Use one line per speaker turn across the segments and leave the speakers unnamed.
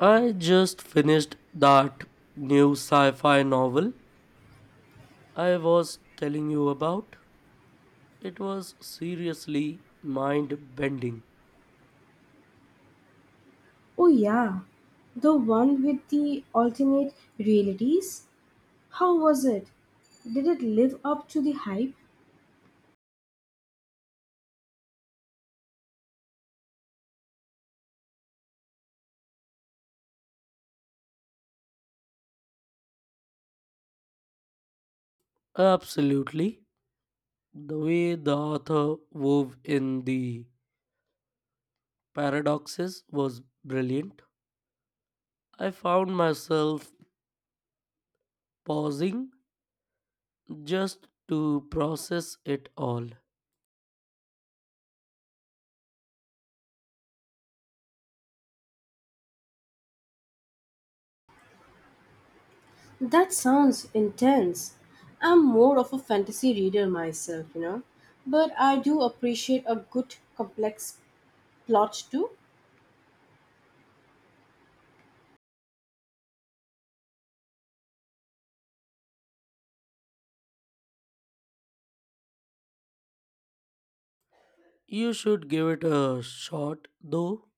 I just finished that new sci fi novel I was telling you about. It was seriously mind bending.
Oh, yeah. The one with the alternate realities? How was it? Did it live up to the hype?
Absolutely. The way the author wove in the paradoxes was brilliant. I found myself pausing just to process it all.
That sounds intense. I'm more of a fantasy reader myself, But I do appreciate a good complex plot too.
You should give it a shot, though.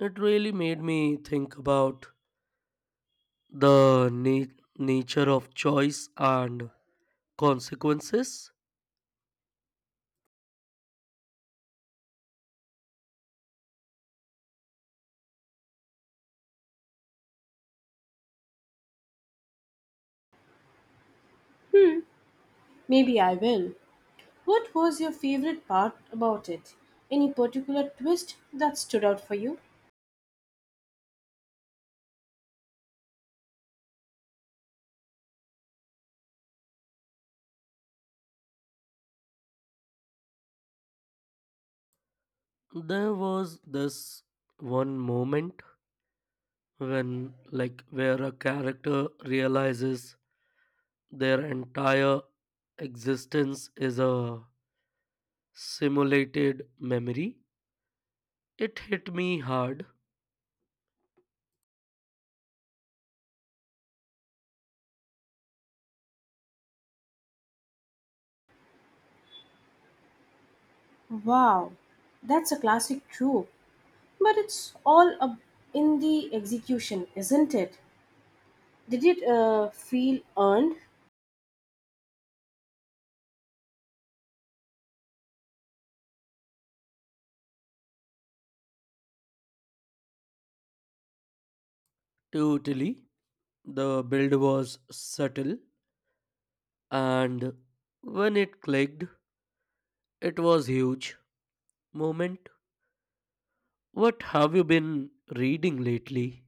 It really made me think about the na- nature of choice and consequences.
Hmm, maybe I will. What was your favorite part about it? Any particular twist that stood out for you?
There was this one moment when like where a character realizes their entire existence is a simulated memory. It hit me hard.
Wow, that's a classic trope. But it's all up in the execution, isn't it? Did it feel earned?
Totally. The build was subtle, and when it clicked, it was huge moment. What have you been reading lately?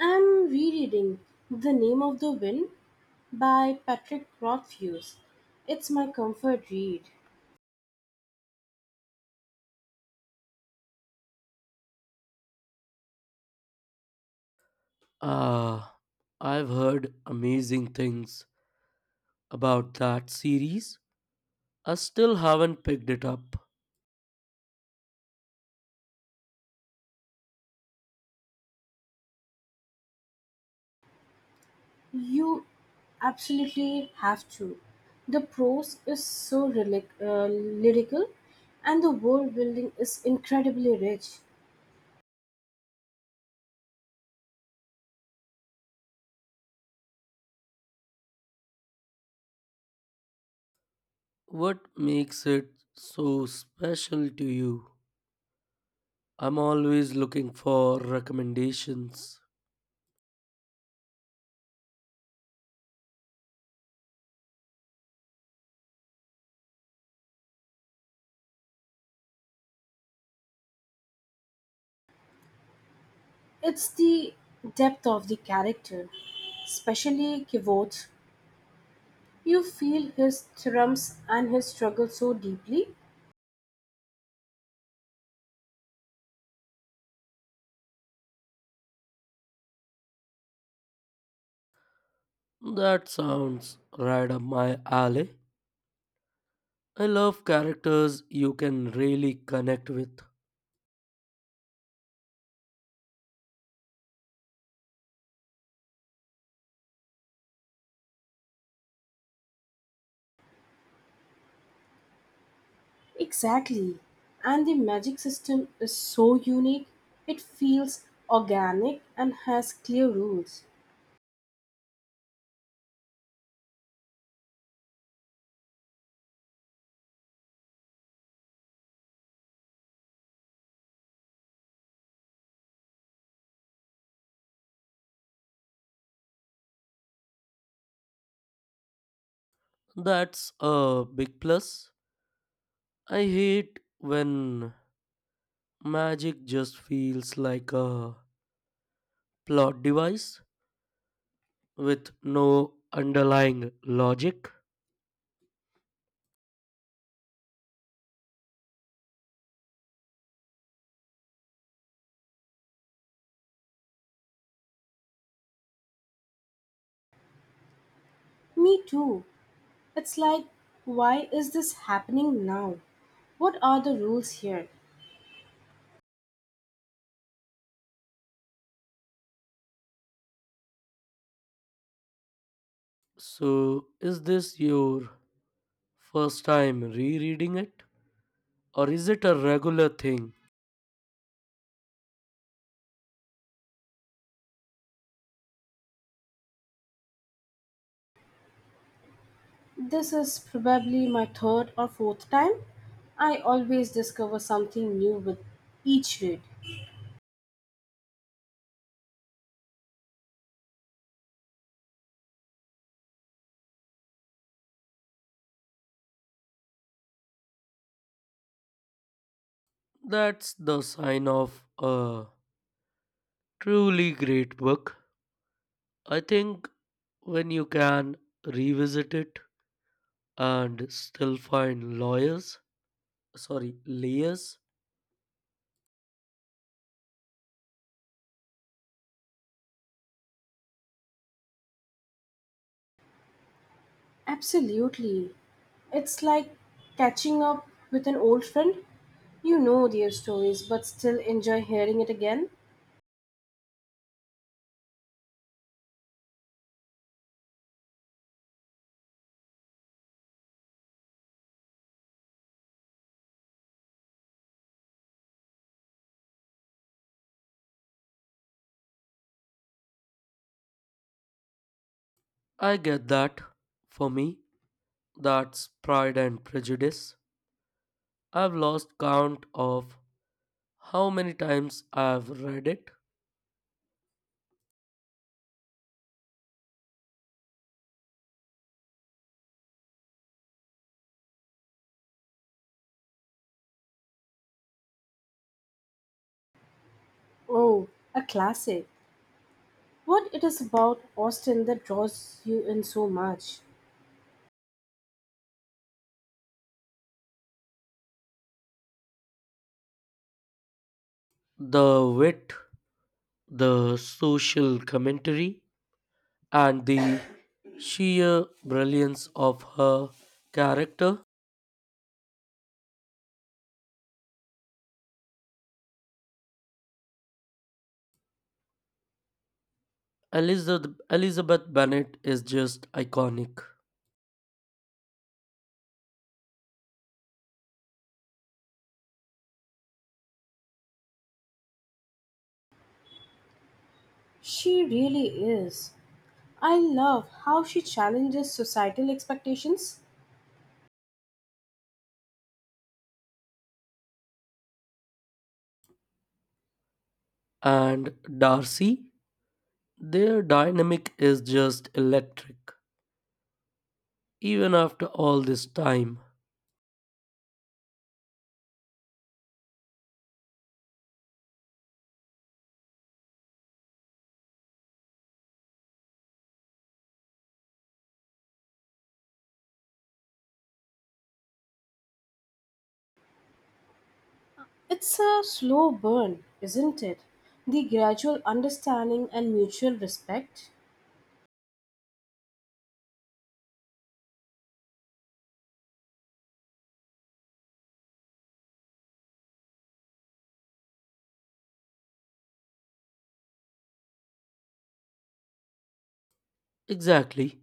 I'm rereading The Name of the Wind by Patrick Rothfuss. It's my comfort read.
Ah, I've heard amazing things about that series. I still haven't picked it up.
You absolutely have to. The prose is so lyrical and the world building is incredibly rich.
What makes it so special to you? I'm always looking for recommendations.
It's the depth of the character, especially Kivot, you feel his thrums and his struggle so deeply.
That sounds right up my alley. I love characters you can really connect with.
Exactly. And the magic system is so unique. It feels organic and has clear rules.
That's a big plus. I hate when magic just feels like a plot device with no underlying logic.
Me too. It's like, why is this happening now? What are the rules here?
So, is this your first time rereading it? Or is it a regular thing?
This is probably my third or fourth time. I always discover something new with each read.
That's the sign of a truly great book. I think when you can revisit it and still find lawyers, sorry, layers,
Absolutely. It's like catching up with an old friend. You know their stories but still enjoy hearing it again.
I get that. For me, that's Pride and Prejudice. I've lost count of how many times I've read it.
Oh, a classic. What it is about Austin that draws you in so much?
The wit, the social commentary, and the sheer brilliance of her character. Elizabeth Bennet is just iconic.
She really is. I love how she challenges societal expectations.
And Darcy, their dynamic is just electric, even after all this time.
It's a slow burn, isn't it? The gradual understanding and mutual respect.
Exactly.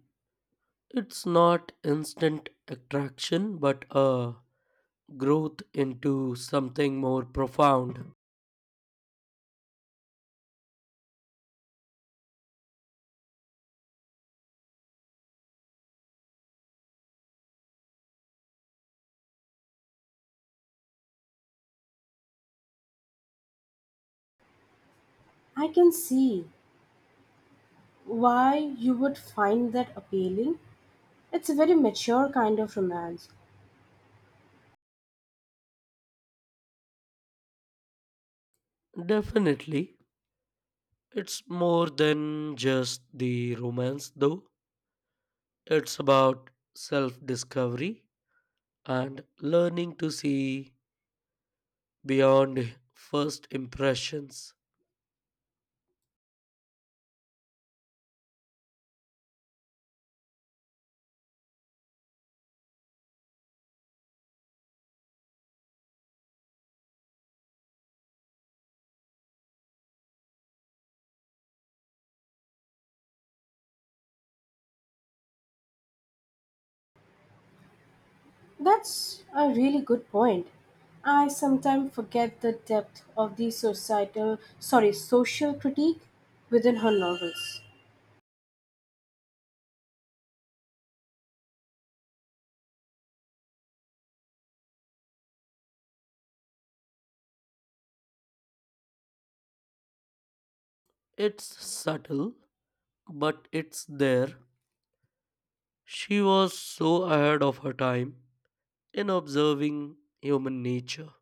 It's not instant attraction, but a growth into something more profound.
I can see why you would find that appealing. It's a very mature kind of romance.
Definitely, it's more than just the romance, though. It's about self discovery and learning to see beyond first impressions.
That's a really good point. I sometimes forget the depth of the social critique within her novels.
It's subtle, but it's there. She was so ahead of her time in observing human nature.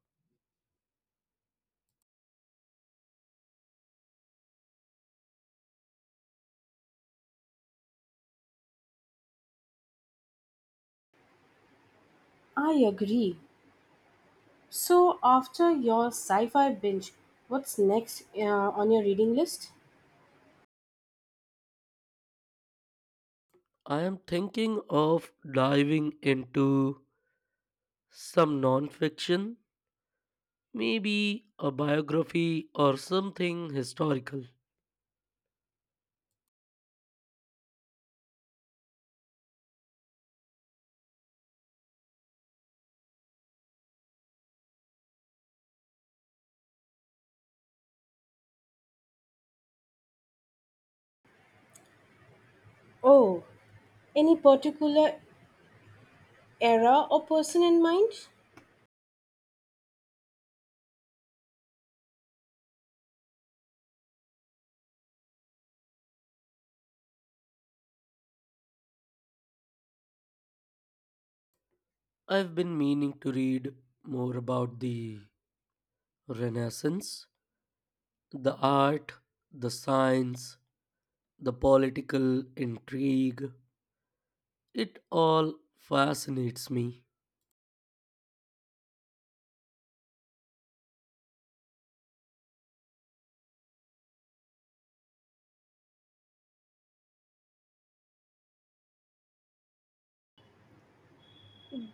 I agree. So, after your sci fi binge, what's next on your reading list?
I am thinking of diving into some non fiction. Maybe a biography or something historical.
Oh, any particular era or person in mind?
I've been meaning to read more about the Renaissance, the art, the science, the political intrigue. It all fascinates me,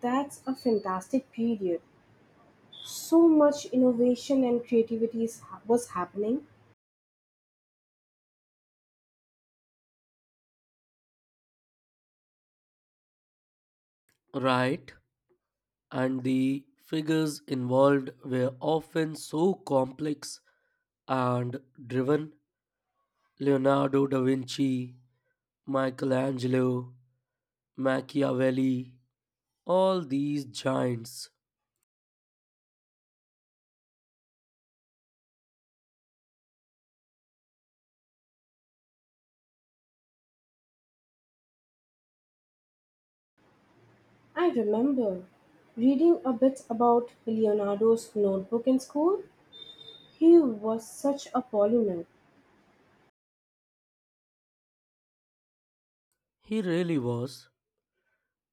That's a fantastic period. So much innovation and was happening.
right? And the figures involved were often so complex and driven. Leonardo da Vinci, Michelangelo, Machiavelli, all these giants.
I remember reading a bit about Leonardo's notebook in school. He was such a polymath.
He really was.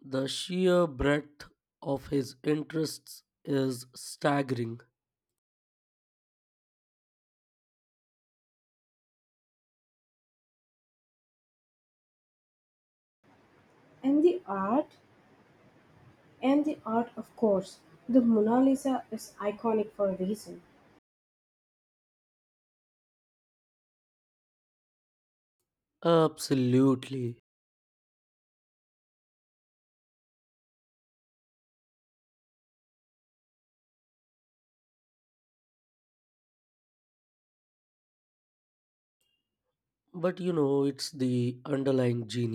The sheer breadth of his interests is staggering.
And the art, and the art, of course. The Mona Lisa is iconic for a reason.
Absolutely. But you know, it's the underlying genius.